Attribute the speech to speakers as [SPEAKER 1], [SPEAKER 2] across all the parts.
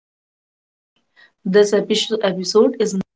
[SPEAKER 1] Entrepreneur's Journey. This episode is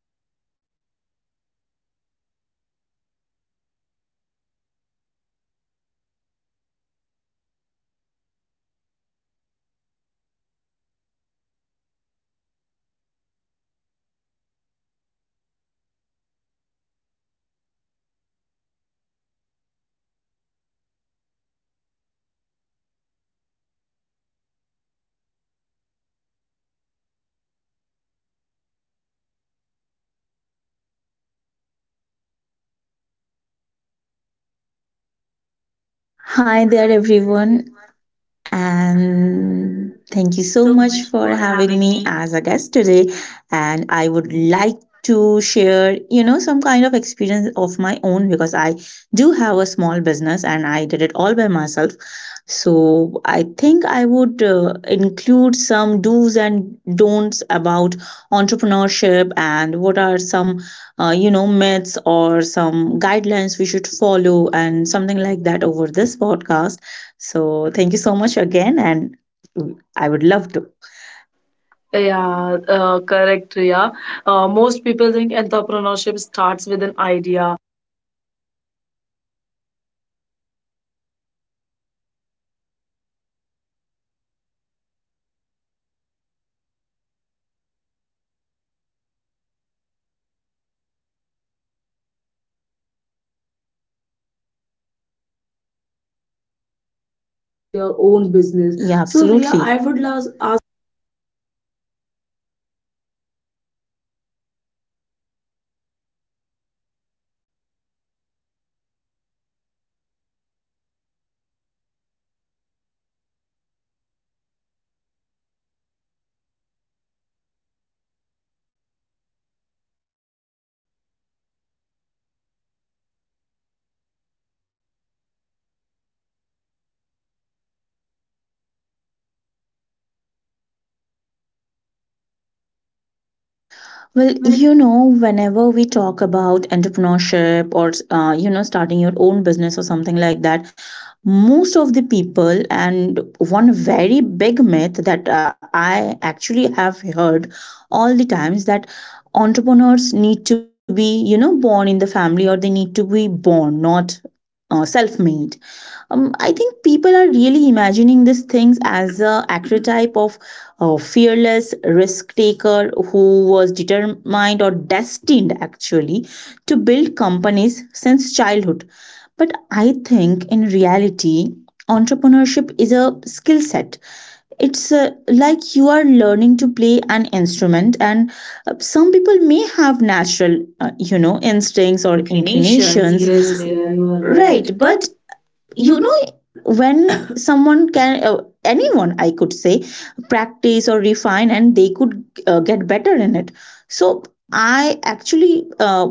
[SPEAKER 2] Hi there, everyone, and thank you so
[SPEAKER 1] so
[SPEAKER 2] much
[SPEAKER 1] much
[SPEAKER 2] for
[SPEAKER 1] for
[SPEAKER 2] having
[SPEAKER 1] having
[SPEAKER 2] me
[SPEAKER 1] me.
[SPEAKER 2] as a guest today. And I would like to share, some kind of experience of my own because I do have a small business and I did it all by myself. So I think I would include some do's and don'ts about entrepreneurship and what are some, myths or some guidelines we should follow and something like that over this podcast. So thank you so much again, and I would love to.
[SPEAKER 1] Yeah, correct, Riya. Most people think entrepreneurship starts with an idea.
[SPEAKER 2] You have your own business. Yeah, absolutely. So, Ria, I would love ask. Well,
[SPEAKER 1] Well,
[SPEAKER 2] whenever we talk about entrepreneurship or, starting your own business or something like that, most of the people, and one very big myth that I actually have heard all the times that entrepreneurs need to be born in the family, or they need to be born, not self made. I think people are really imagining these things as a archetype of a fearless risk taker who was determined or destined actually to build companies since childhood. But I think in reality, entrepreneurship is a skill set. It's like you are learning to play an instrument, and some people may have natural, instincts
[SPEAKER 1] your
[SPEAKER 2] or
[SPEAKER 1] inclinations.
[SPEAKER 2] inclinations.
[SPEAKER 1] Yes,
[SPEAKER 2] Yes,
[SPEAKER 1] Riya,
[SPEAKER 2] Ria,
[SPEAKER 1] you
[SPEAKER 2] you
[SPEAKER 1] are
[SPEAKER 2] are
[SPEAKER 1] right,
[SPEAKER 2] right.
[SPEAKER 1] right?
[SPEAKER 2] Right,
[SPEAKER 1] But
[SPEAKER 2] but
[SPEAKER 1] you
[SPEAKER 2] you
[SPEAKER 1] know,
[SPEAKER 2] know when someone can, anyone I could say, practice or refine and they could get better in it. So I actually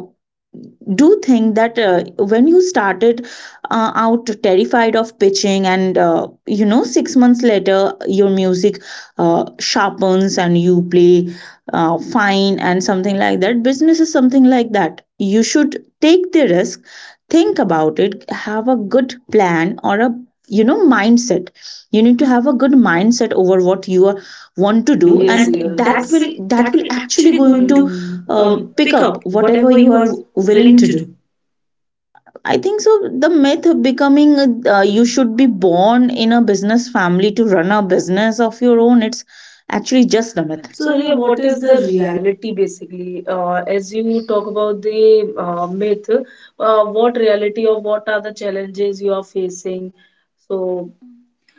[SPEAKER 2] do think that when you started out terrified of pitching, and 6 months later your music sharpens and you play fine and something like that. Business is something like that, you should take the risk, think about it, have a good plan or a mindset. You need to have a good mindset over what you are want
[SPEAKER 1] want
[SPEAKER 2] to
[SPEAKER 1] to
[SPEAKER 2] do.
[SPEAKER 1] do.
[SPEAKER 2] Yes,
[SPEAKER 1] Yes, and
[SPEAKER 2] and we
[SPEAKER 1] Riya,
[SPEAKER 2] are,
[SPEAKER 1] that
[SPEAKER 2] that, yes.
[SPEAKER 1] yes. Will
[SPEAKER 2] will
[SPEAKER 1] that
[SPEAKER 2] that will
[SPEAKER 1] will
[SPEAKER 2] actually
[SPEAKER 1] actually going
[SPEAKER 2] going to
[SPEAKER 1] to
[SPEAKER 2] Pick
[SPEAKER 1] pick
[SPEAKER 2] up
[SPEAKER 1] up
[SPEAKER 2] whatever
[SPEAKER 1] whatever
[SPEAKER 2] you
[SPEAKER 1] you
[SPEAKER 2] are
[SPEAKER 1] are
[SPEAKER 2] willing
[SPEAKER 1] willing
[SPEAKER 2] to
[SPEAKER 1] to do.
[SPEAKER 2] do, I think so. The myth of becoming, you should be born in a business family to run a business of your own, it's actually just a myth. So,
[SPEAKER 1] So,
[SPEAKER 2] Ria,
[SPEAKER 1] Riya,
[SPEAKER 2] what
[SPEAKER 1] what
[SPEAKER 2] is
[SPEAKER 1] is
[SPEAKER 2] the
[SPEAKER 1] the reality basically? As you talk about the myth, what reality or what are the challenges you are facing? So,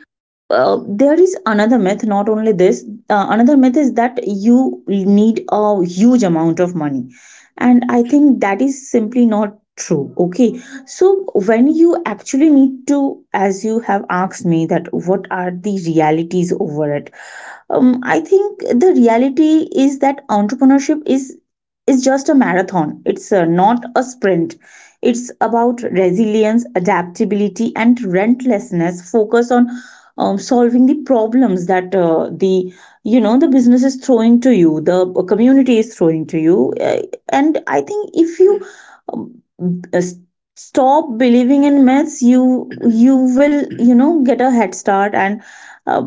[SPEAKER 2] So there is another myth. Not only this, another myth is that you need a huge amount of money, and I think that is simply not true. Okay, so when you actually need to, as you have asked me, that what are the realities over it? I think the reality is that entrepreneurship is just a marathon. It's not a sprint. It's about resilience, adaptability, and relentlessness. Focus on solving the problems that the you know the business is throwing to you, the community is throwing to you. And I think if you um, uh, s- stop believing in myths, you will get a head start, and uh,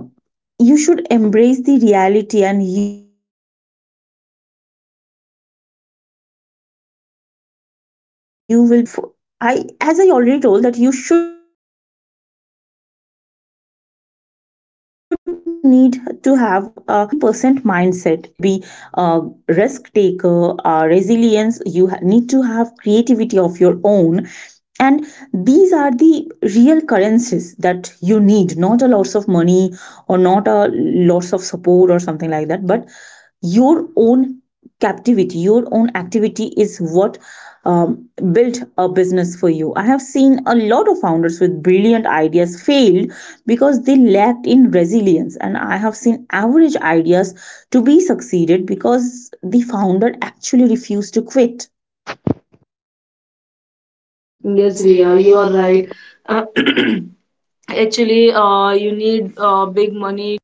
[SPEAKER 2] you should embrace the reality and you will be prepared for the journey as well. So, for I as I already told, that you should need to have a good mindset, because entrepreneurship is 80% mindset. You need to be a risk taker, a resilience, you need to have creativity of your own, and these are the real currencies that you need, not a lots of money or not a lots of support or something like that, but your own captivity, your own activity is what built a business for you. I have seen a lot of founders with brilliant ideas failed because they lacked in resilience, and I have seen average ideas to be succeeded because the founder actually refused to quit. Yes,
[SPEAKER 1] yes,
[SPEAKER 2] Ria,
[SPEAKER 1] Riya,
[SPEAKER 2] you
[SPEAKER 1] you
[SPEAKER 2] are
[SPEAKER 1] are right.
[SPEAKER 2] right.
[SPEAKER 1] Uh, actually, you need big money.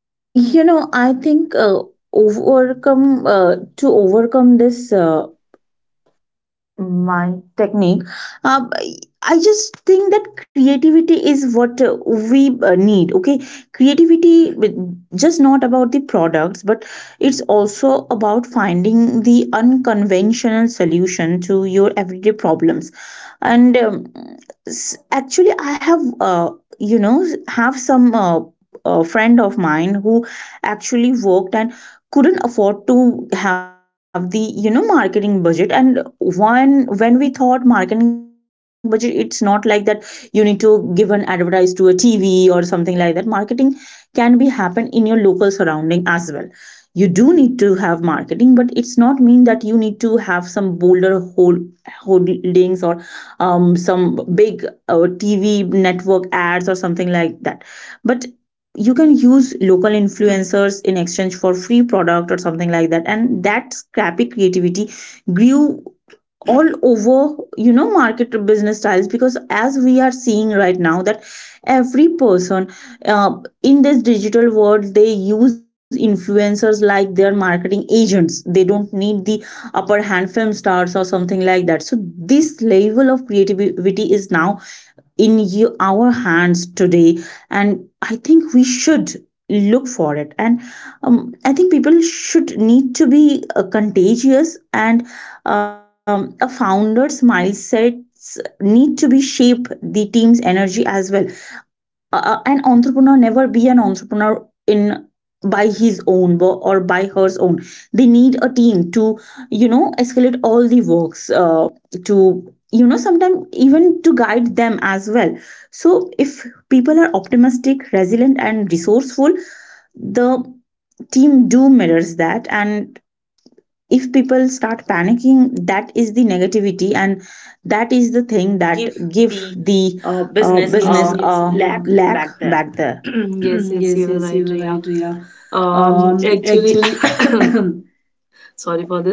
[SPEAKER 2] I think, overcome to overcome this, my technique. Um, I I just think that creativity is what we need. Okay, creativity, just not about the products, but it's also about finding the unconventional solution to your everyday problems. And actually, I have, have some. A friend of mine who actually worked and couldn't afford to have the marketing budget, and one when we thought marketing budget, it's not like that you need to give an advertise to a TV or something like that. Marketing can be happen in your local surrounding as well. You do need to have marketing, but it's not mean that you need to have some bolder holdings or some big TV network ads or something like that, but you can use local influencers in exchange for free product or something like that, and that scrappy creativity grew all over market business styles, because as we are seeing right now that every person, uh, in this digital world, they use influencers like their marketing agents, they don't need the upper hand film stars or something like that. So this level of creativity is now in you, our hands today, and I think we should look for it. And I think people should need to be contagious, and a founder's mindset need to be shape the team's energy as well. A an entrepreneur never be an entrepreneur in by his own, or by hers own, they need a team to escalate all the works, to sometimes even to guide them as well. So if people are optimistic, resilient and resourceful, the team do mirrors that, and if people start panicking, that is the negativity, and that is the thing that
[SPEAKER 1] Give
[SPEAKER 2] give
[SPEAKER 1] the
[SPEAKER 2] the,
[SPEAKER 1] business. Yes,
[SPEAKER 2] business a.
[SPEAKER 1] a
[SPEAKER 2] Yes,
[SPEAKER 1] Riya.
[SPEAKER 2] a Riya.
[SPEAKER 1] Lack
[SPEAKER 2] Lack
[SPEAKER 1] back there.
[SPEAKER 2] back there.
[SPEAKER 1] Yes, yes,
[SPEAKER 2] Yes,
[SPEAKER 1] you are
[SPEAKER 2] yes, you
[SPEAKER 1] right,
[SPEAKER 2] are
[SPEAKER 1] Riya.
[SPEAKER 2] right, Riya.
[SPEAKER 1] Actually,
[SPEAKER 2] Actually,
[SPEAKER 1] sorry for this.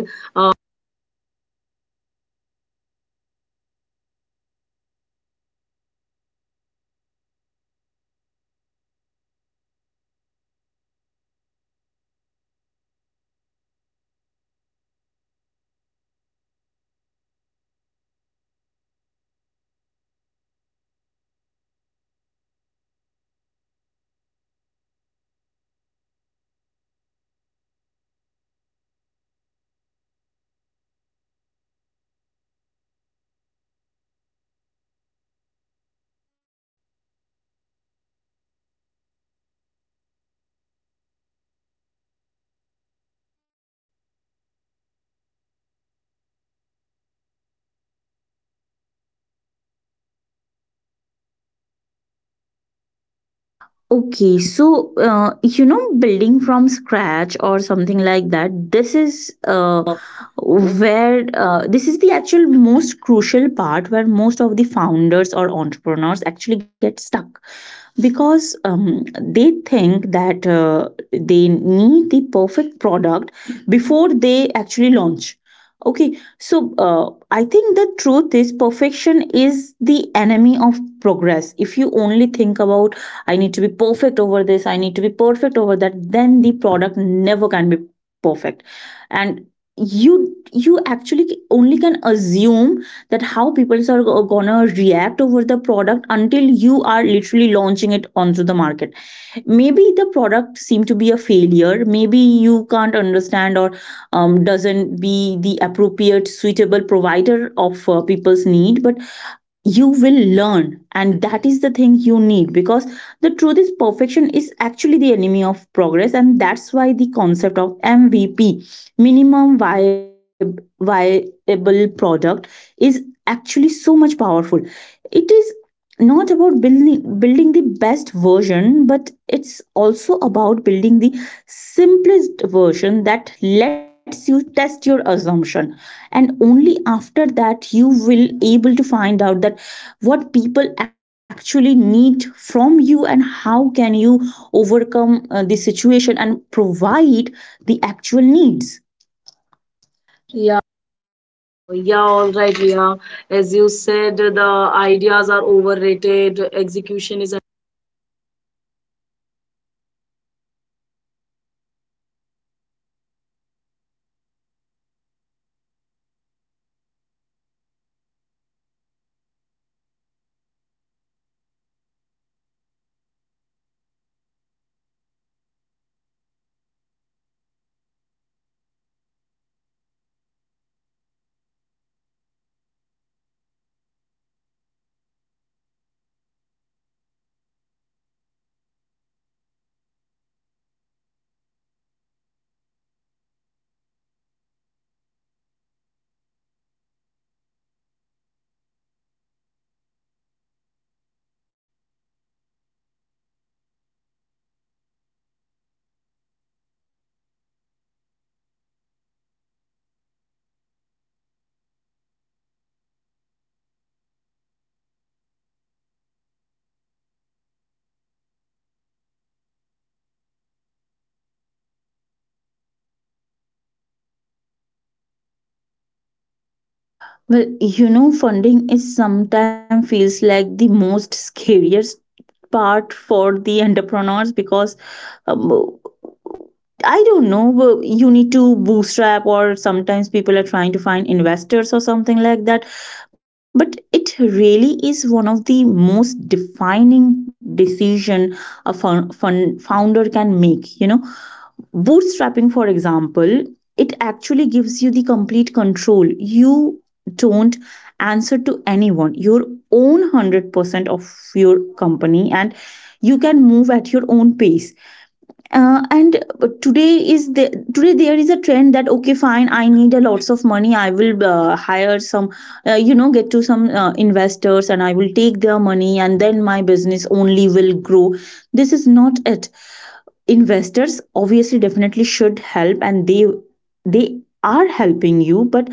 [SPEAKER 2] okay, so building from scratch or something like that, this is the actual most crucial part where most of the founders or entrepreneurs actually get stuck, because they think that they need the perfect product before they actually launch. Okay, so I think the truth is, perfection is the enemy of progress. If you only think about, I need to be perfect over this, I need to be perfect over that, then the product never can be perfect. And you you actually only can assume that how people are gonna react over the product until you are literally launching it onto the market. Maybe the product seem to be a failure, maybe you can't understand, or doesn't be the appropriate suitable provider of people's need, but you will learn, and that is the thing you need, because the truth is perfection is actually the enemy of progress. And that's why the concept of MVP, minimum viable product, is actually so much powerful. It is not about building the best version, but it's also about building the simplest version that lets you test your assumption, and only after that you will able to find out that what people actually need from you and how can you overcome the situation and provide the actual needs.
[SPEAKER 1] Yeah, all right, Ria. As you said, the ideas are overrated, execution is.
[SPEAKER 2] Well, funding is sometimes feels like the most scariest part for the entrepreneurs, because um, I don't know, but you need to bootstrap, or sometimes people are trying to find investors or something like that. But it really is one of the most defining decision a founder can make. You know, bootstrapping for example, it actually gives you the complete control. You don't answer to anyone. Your own 100% of your company, and you can move at your own pace. Uh, and today is the today there is a trend that, okay fine, I need a lots of money, I will hire some, get to some investors, and I will take their money, and then my business only will grow. This is not it. Investors obviously definitely should help, and they are helping you, but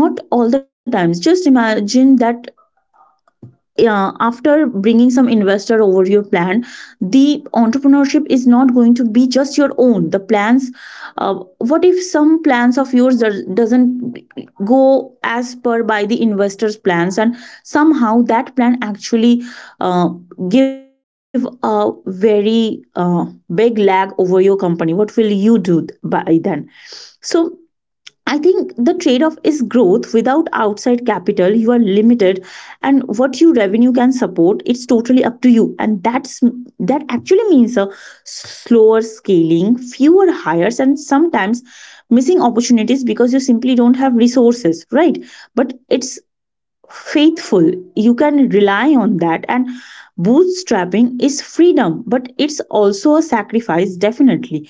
[SPEAKER 2] not all the times. Just imagine that, yeah, after bringing some investor over your plan, the entrepreneurship is not going to be just your own. The plans, what if some plans of yours doesn't go as per by the investor's plans, and somehow that plan actually, uh, give a very, big lag over your company? What will you do by then? So I think the trade off is growth. Without outside capital, you are limited, and what your revenue can support, it's totally up to you. And that actually means a slower scaling, fewer hires, and sometimes missing opportunities because you simply don't have resources, right? But it's faithful, you can rely on that. And bootstrapping is freedom, but it's also a sacrifice. Definitely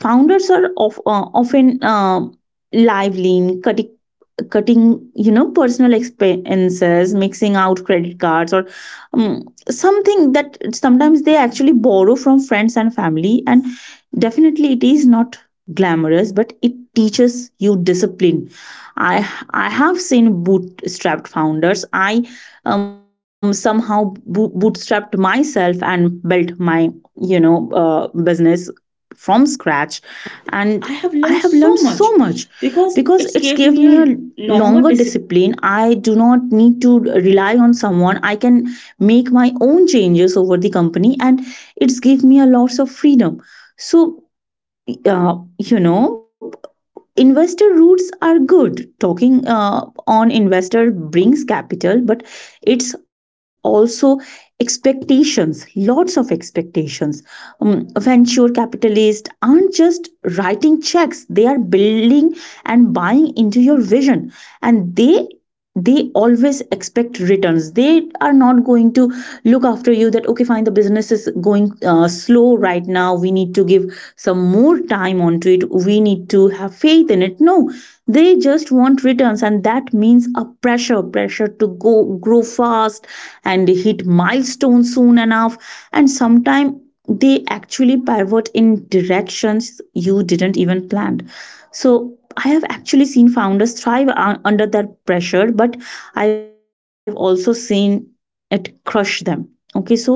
[SPEAKER 2] founders are of, often lively, cutting personal expenses, mixing out credit cards, or something. That sometimes they actually borrow from friends and family, and definitely it is not glamorous, but it teaches you discipline. I i have seen bootstrapped founders. I somehow bootstrapped myself and built my business from scratch, and I have
[SPEAKER 1] I have
[SPEAKER 2] learned
[SPEAKER 1] learned
[SPEAKER 2] so
[SPEAKER 1] so
[SPEAKER 2] much
[SPEAKER 1] much
[SPEAKER 2] because
[SPEAKER 1] because
[SPEAKER 2] it's
[SPEAKER 1] it's
[SPEAKER 2] gave me
[SPEAKER 1] gave
[SPEAKER 2] a
[SPEAKER 1] me a
[SPEAKER 2] longer
[SPEAKER 1] longer discipline.
[SPEAKER 2] discipline. I do not need to rely on someone. I can make my own changes over the company, and it's give me a lots of freedom. So uh, you know investor routes are good talking, on investor brings capital, but it's also expectations, lots of expectations. Venture capitalists aren't just writing checks, they are building and buying into your vision, and they always expect returns. They are not going to look after you that okay fine, the business is going slow right now, we need to give some more time onto it. We need to have faith in it. No, they just want returns, and that means a pressure, pressure to go grow fast and hit milestones soon enough. And sometimes they actually pivot in directions you didn't even plan. So I have actually seen founders thrive under that pressure, but I've also seen it crush them. Okay, so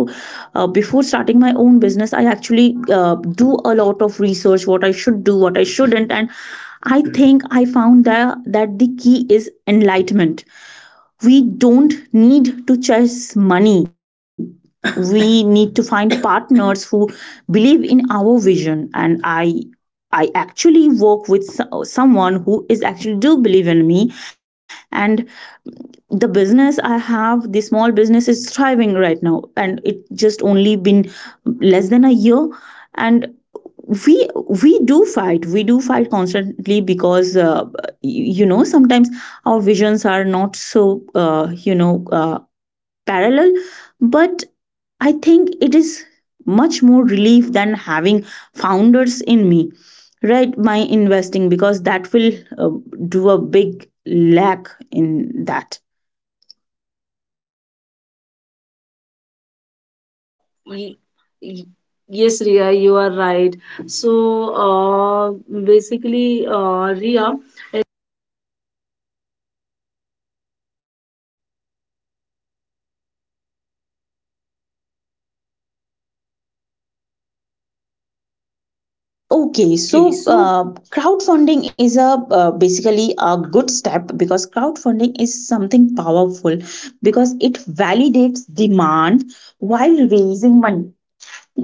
[SPEAKER 2] before starting my own business, I actually do a lot of research what I should do, what I shouldn't. And I think I found that, that the key is enlightenment. We don't need to chase money. We need to find partners who believe in our vision. And I actually work with someone who is actually do believe in me, and the business I have, the small business is thriving right now, and it just only been less than a year. And we we do fight, we do fight constantly because you know sometimes our visions are not so parallel. But I think it is much more relief than having founders in me, right, my investing, because that will uh, do a big lack in that.
[SPEAKER 1] Y- y- Yes, Ria, you are right. So, uh, basically, Ria.
[SPEAKER 2] Mm. Okay,
[SPEAKER 1] Okay,
[SPEAKER 2] so
[SPEAKER 1] so
[SPEAKER 2] crowdfunding is a basically a good step, because crowdfunding is something powerful because it validates demand while raising money.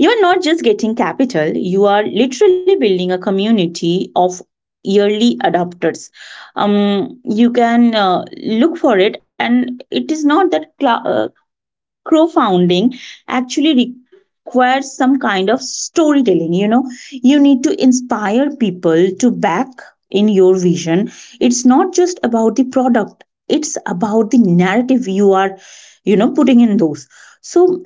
[SPEAKER 2] You are not just getting capital, you are literally building a community of yearly adopters. You can look for it. And it is not that cla crowdfunding actually requires some kind of storytelling, you know. You need to inspire people to back in your vision. It's not just about the product, it's about the narrative you are, putting in those. So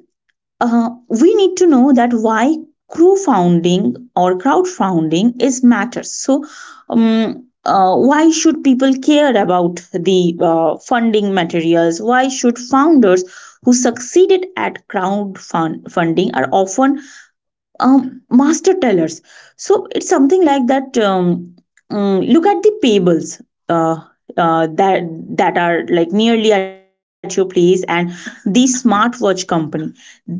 [SPEAKER 2] we need to know that why crew founding or crowdfunding is matters. So, why should people care about the funding materials? Why should founders who succeeded at crowd fund funding are often master tellers. So it's something like that. Look at the pables uh, that that are like nearly at your place, and the smartwatch company. They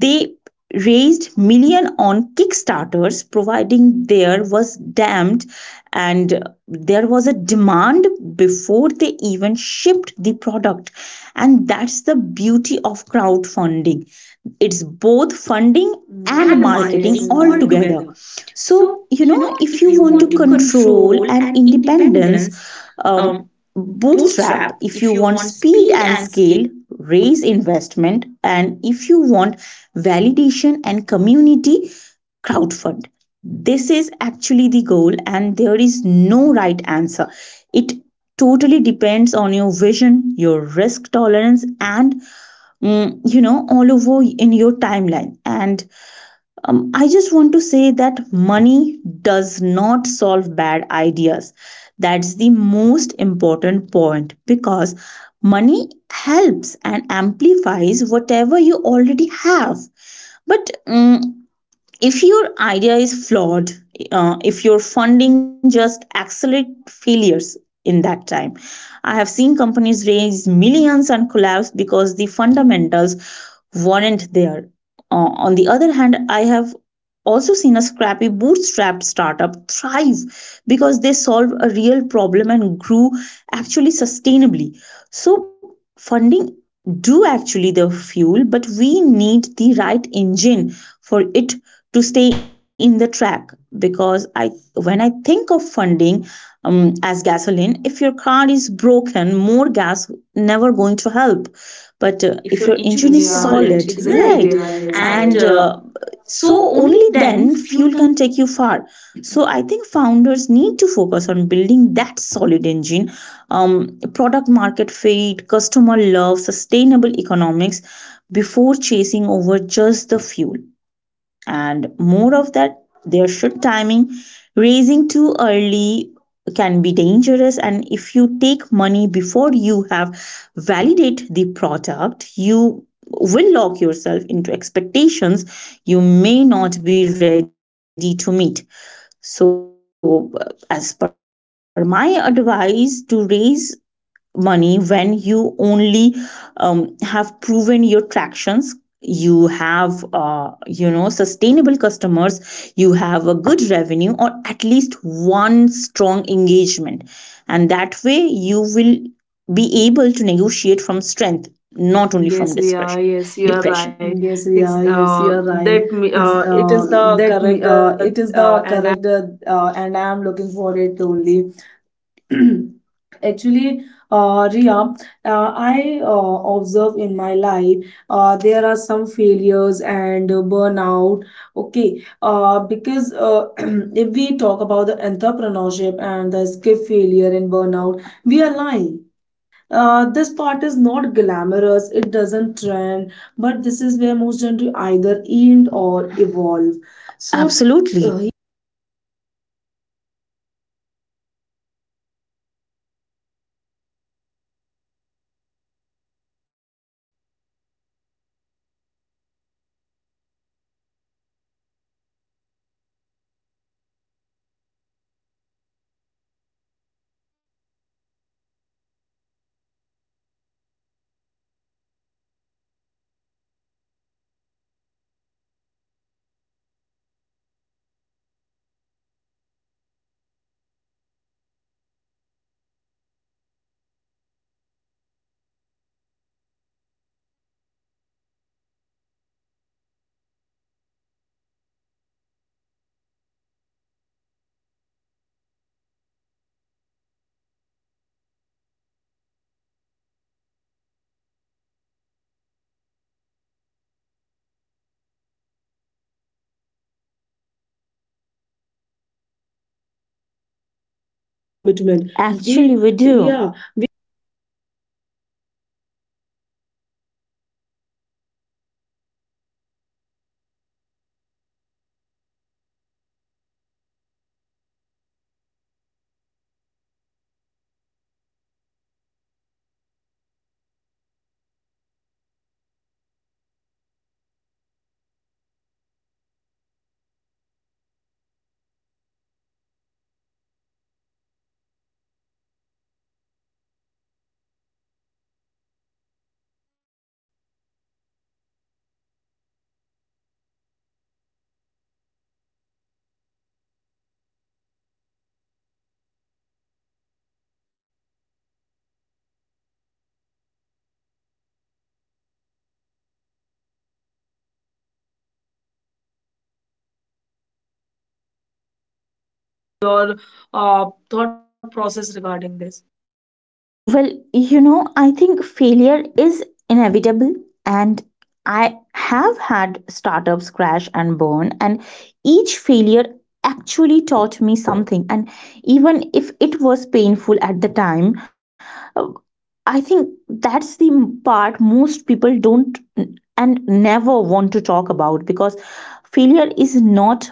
[SPEAKER 2] raised million on Kickstarters, providing there was damned, and there was a demand before they even shipped the product, and that's the beauty of crowdfunding. It's both funding
[SPEAKER 1] branding and
[SPEAKER 2] and,
[SPEAKER 1] yes,
[SPEAKER 2] yes,
[SPEAKER 1] yes, marketing, yes,
[SPEAKER 2] marketing, yes, yes,
[SPEAKER 1] yes,
[SPEAKER 2] yes,
[SPEAKER 1] all Ria, together.
[SPEAKER 2] altogether.
[SPEAKER 1] So,
[SPEAKER 2] So, you
[SPEAKER 1] you
[SPEAKER 2] know,
[SPEAKER 1] know,
[SPEAKER 2] if
[SPEAKER 1] if
[SPEAKER 2] you
[SPEAKER 1] you
[SPEAKER 2] want
[SPEAKER 1] want to
[SPEAKER 2] to control
[SPEAKER 1] Control and
[SPEAKER 2] and
[SPEAKER 1] independence,
[SPEAKER 2] independence,
[SPEAKER 1] um,
[SPEAKER 2] um, bootstrap.
[SPEAKER 1] bootstrap,
[SPEAKER 2] If
[SPEAKER 1] if
[SPEAKER 2] you
[SPEAKER 1] you
[SPEAKER 2] want
[SPEAKER 1] want speed
[SPEAKER 2] speed
[SPEAKER 1] and
[SPEAKER 2] and scale, raise investment. And if you want validation and community, crowdfund. This is actually the goal, and there is no right answer. It totally depends on your vision, your risk tolerance, and, you know, all over in your timeline. And I just want to say that money does not solve bad ideas. That's the most important point, because money helps and amplifies whatever you already have. But if your idea is flawed, if your funding just accelerate failures in that time. I have seen companies raise millions and collapse because the fundamentals weren't there. On the other hand, I have also seen a scrappy bootstrapped startup thrive because they solved a real problem and grew actually sustainably. So funding do actually the fuel, but we need the right engine for it to stay in the track. Because I, when I think of funding as gasoline, if your car is broken, more gas never going to help. But
[SPEAKER 1] if your
[SPEAKER 2] if your
[SPEAKER 1] engine is
[SPEAKER 2] engine
[SPEAKER 1] yeah,
[SPEAKER 2] is, yeah,
[SPEAKER 1] solid,
[SPEAKER 2] solid, exactly,
[SPEAKER 1] exactly, right Ria,
[SPEAKER 2] right, exactly,
[SPEAKER 1] yes,
[SPEAKER 2] yeah, yes,
[SPEAKER 1] and
[SPEAKER 2] and right,
[SPEAKER 1] so
[SPEAKER 2] so
[SPEAKER 1] only
[SPEAKER 2] only
[SPEAKER 1] then
[SPEAKER 2] then
[SPEAKER 1] fuel
[SPEAKER 2] fuel
[SPEAKER 1] can
[SPEAKER 2] can take you far. So I think founders need to focus on building that solid engine, product market fit, customer love, sustainable economics, before chasing over just the fuel. And more of that, there should timing. Raising too early can be dangerous, and if you take money before you have validate the product, you will lock yourself into expectations you may not be ready to meet. So as per my advice, to raise money when you only have proven your tractions, you have sustainable customers, you have a good revenue or at least one strong engagement. And that way you will be able to negotiate from strength,
[SPEAKER 1] pressure.
[SPEAKER 2] not only
[SPEAKER 1] Yes,
[SPEAKER 2] from
[SPEAKER 1] Ria,
[SPEAKER 2] depression.
[SPEAKER 1] yes, you are
[SPEAKER 2] Depression.
[SPEAKER 1] right.
[SPEAKER 2] Yes,
[SPEAKER 1] It's,
[SPEAKER 2] yeah, yes, you are
[SPEAKER 1] that
[SPEAKER 2] right. It's
[SPEAKER 1] it is the
[SPEAKER 2] that
[SPEAKER 1] correct, uh,
[SPEAKER 2] it is
[SPEAKER 1] uh, and
[SPEAKER 2] the
[SPEAKER 1] I-
[SPEAKER 2] correct, and I am looking for it only. Actually, Ria, I observe in my life there are some failures and burnout. Okay, because if we talk about the entrepreneurship and the escape failure and burnout, we are lying. This part is not glamorous, it doesn't trend, but this is where most gentry either end or evolve. So, absolutely, commitment, we actually, we do, yeah.
[SPEAKER 1] Your thought process regarding this.
[SPEAKER 2] Well, you know, I think failure is inevitable, and I have had startups crash and burn, and each failure actually taught me something, and even if it was painful at the time, uh, I think that's the part most people don't and never want to talk about. Because failure is not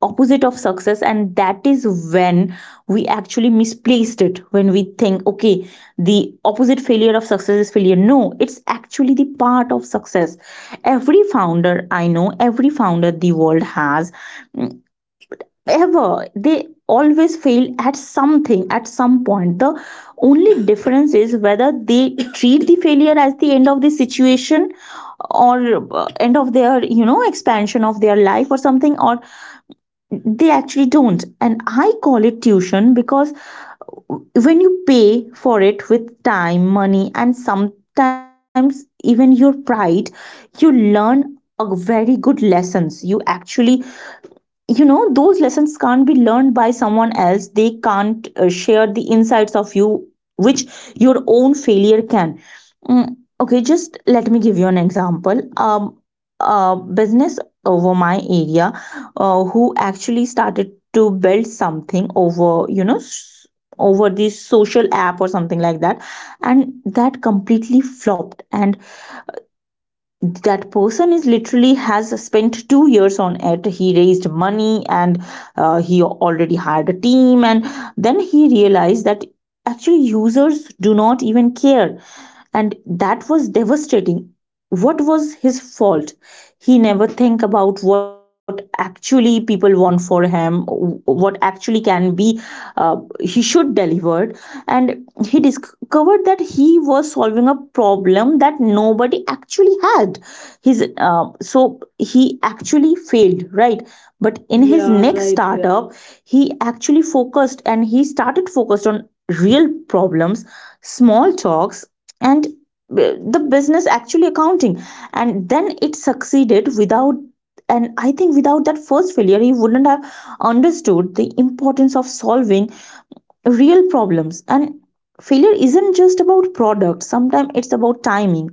[SPEAKER 2] opposite of success, and that is when we actually misplaced it, when we think okay, the opposite failure of success is failure. No, it's actually the part of success. Every founder I know, every founder the world has, mm, ever, they always fail at something at some point. The only difference is whether they treat the failure as the end of the situation, or end of their, you know, expansion of their life or something, or they actually don't. And I call it tuition, because when you pay for it with time, money, and sometimes even your pride, you learn a very good lessons. You actually, you know, those lessons can't be learned by someone else. They can't share the insights of you, which your own failure can. Mm, okay, just let me give you an example. A business over my area, who actually started to build something over, you know, over this social app or something like that, and that completely flopped. And that person is literally has spent 2 years on it, he raised money, and he already hired a team, and then he realized that actually users do not even care, and that was devastating. What was his fault? He never think about what actually people want for him, what actually can be, he should deliver. And he discovered that he was solving a problem that nobody actually had. His so he actually failed, right? But in his, yeah, next, right, yeah, startup, yeah, he actually focused, and he started focused on real problems, small talks, and the business actually accounting, and then it succeeded without. And I think without that first failure, he wouldn't have understood the importance of solving real problems. And failure isn't just about products, sometimes it's about timing.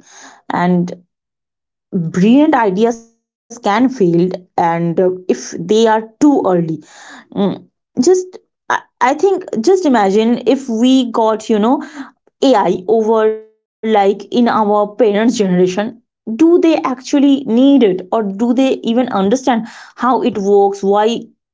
[SPEAKER 2] And brilliant ideas can fail, and if they are too early. Mm, just I think, just imagine if we got, you know, AI over like in our parents' generation. Do they actually need it, or do they even understand how it works, why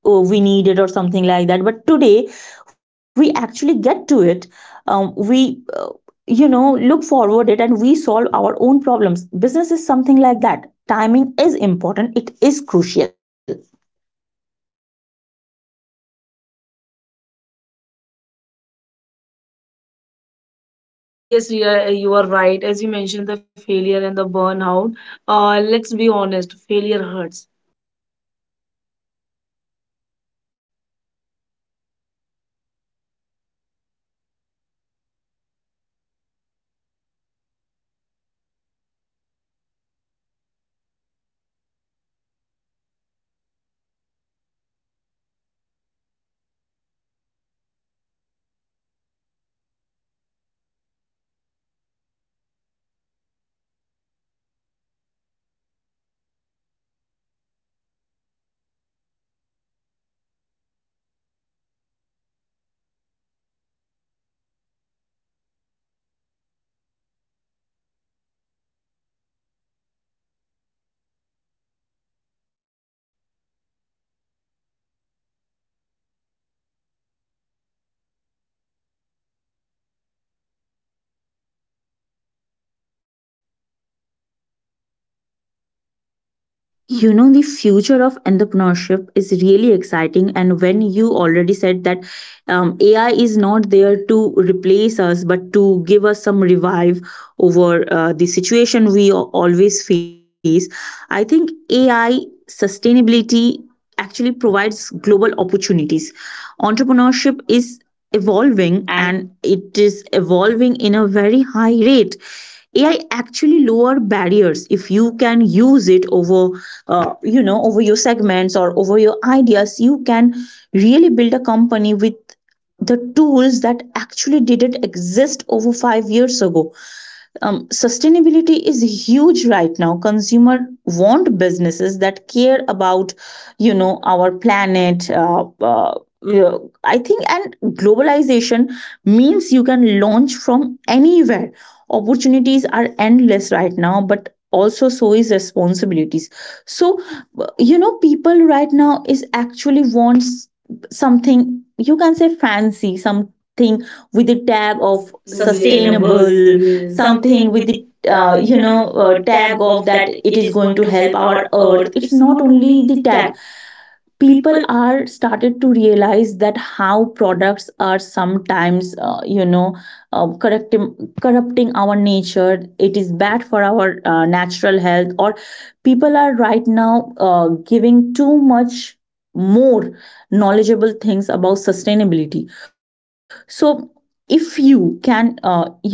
[SPEAKER 2] we need it or something like that? But today we actually get to it. We you know look forward it, and we solve our own problems. Business is something like that. Timing is important. It is crucial.
[SPEAKER 1] Yes, Ria, you are right. As you mentioned, the failure and the burnout. Let's be honest, failure hurts.
[SPEAKER 2] You know, the future of entrepreneurship is really exciting. And when you already said that AI is not there to replace us, but to give us some revive over the situation we always face, I think AI sustainability actually provides global opportunities. Entrepreneurship is evolving, and
[SPEAKER 1] And
[SPEAKER 2] it is evolving in a very high rate. AI actually lower barriers. If you can use it over you know over your segments or over your ideas, you can really build a company with the tools that actually didn't exist over 5 years ago. Sustainability is huge right now. Consumer want businesses that care about, you know, our planet. Yeah, I think, and globalization means you can launch from anywhere. Opportunities are endless right now, but also so is responsibilities. So you know, people right now is actually wants something you can say fancy, something with the tag of sustainable,
[SPEAKER 1] sustainable, yes,
[SPEAKER 2] yes, yes,
[SPEAKER 1] yes,
[SPEAKER 2] something
[SPEAKER 1] something
[SPEAKER 2] with
[SPEAKER 1] with
[SPEAKER 2] the
[SPEAKER 1] the
[SPEAKER 2] you know tag
[SPEAKER 1] tag
[SPEAKER 2] of
[SPEAKER 1] of
[SPEAKER 2] that
[SPEAKER 1] that
[SPEAKER 2] it
[SPEAKER 1] it
[SPEAKER 2] is
[SPEAKER 1] is
[SPEAKER 2] going
[SPEAKER 1] going
[SPEAKER 2] to
[SPEAKER 1] to
[SPEAKER 2] help
[SPEAKER 1] help
[SPEAKER 2] our
[SPEAKER 1] our
[SPEAKER 2] earth.
[SPEAKER 1] earth.
[SPEAKER 2] It's
[SPEAKER 1] It's
[SPEAKER 2] not
[SPEAKER 1] not
[SPEAKER 2] only
[SPEAKER 1] only
[SPEAKER 2] the
[SPEAKER 1] the
[SPEAKER 2] tag.
[SPEAKER 1] tag
[SPEAKER 2] People
[SPEAKER 1] people.
[SPEAKER 2] are started to realize that how products are sometimes you know corrupting our nature, it is bad for our natural health. Or people are right now giving too much more knowledgeable things about sustainability. So if you can you know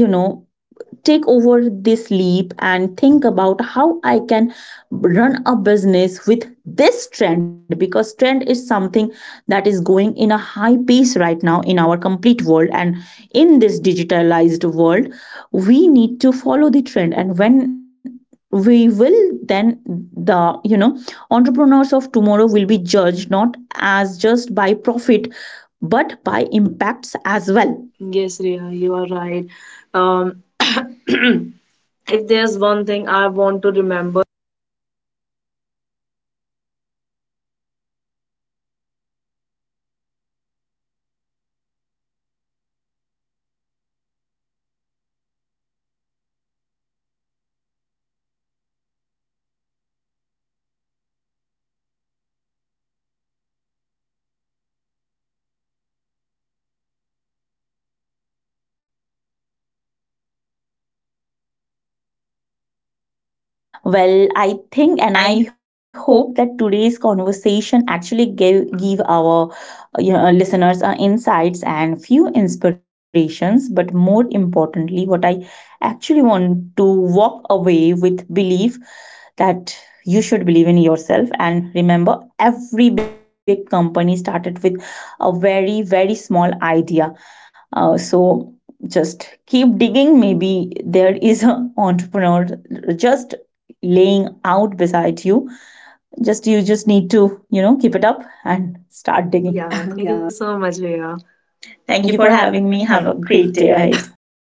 [SPEAKER 2] take over this leap and think about how I can run a business with this trend, because trend is something that is going in a high pace right now in our complete world, and in this digitalized world, we need to follow the trend. And when we will, then the, you know, entrepreneurs of tomorrow will be judged not as just by profit, but by impacts as well.
[SPEAKER 1] Yes, Riya, you are right. Um, if there's one thing I want to remember,
[SPEAKER 2] Well, I think, and I
[SPEAKER 1] I
[SPEAKER 2] hope that today's conversation actually give our, you know, listeners insights and few inspirations. But more importantly, what I actually want to walk away with belief, that you should believe in yourself, and remember every big company started with a very very small idea. So just keep digging, maybe there is an entrepreneur just laying out beside you. Just you just need to, you know, keep it up and start digging.
[SPEAKER 1] yeah, thank you
[SPEAKER 2] Yeah.
[SPEAKER 1] so much, Riya. Thank you for
[SPEAKER 2] Thank you
[SPEAKER 1] having
[SPEAKER 2] for
[SPEAKER 1] me. Have a
[SPEAKER 2] having me. Have
[SPEAKER 1] great
[SPEAKER 2] a
[SPEAKER 1] day
[SPEAKER 2] great
[SPEAKER 1] ahead.
[SPEAKER 2] day ahead.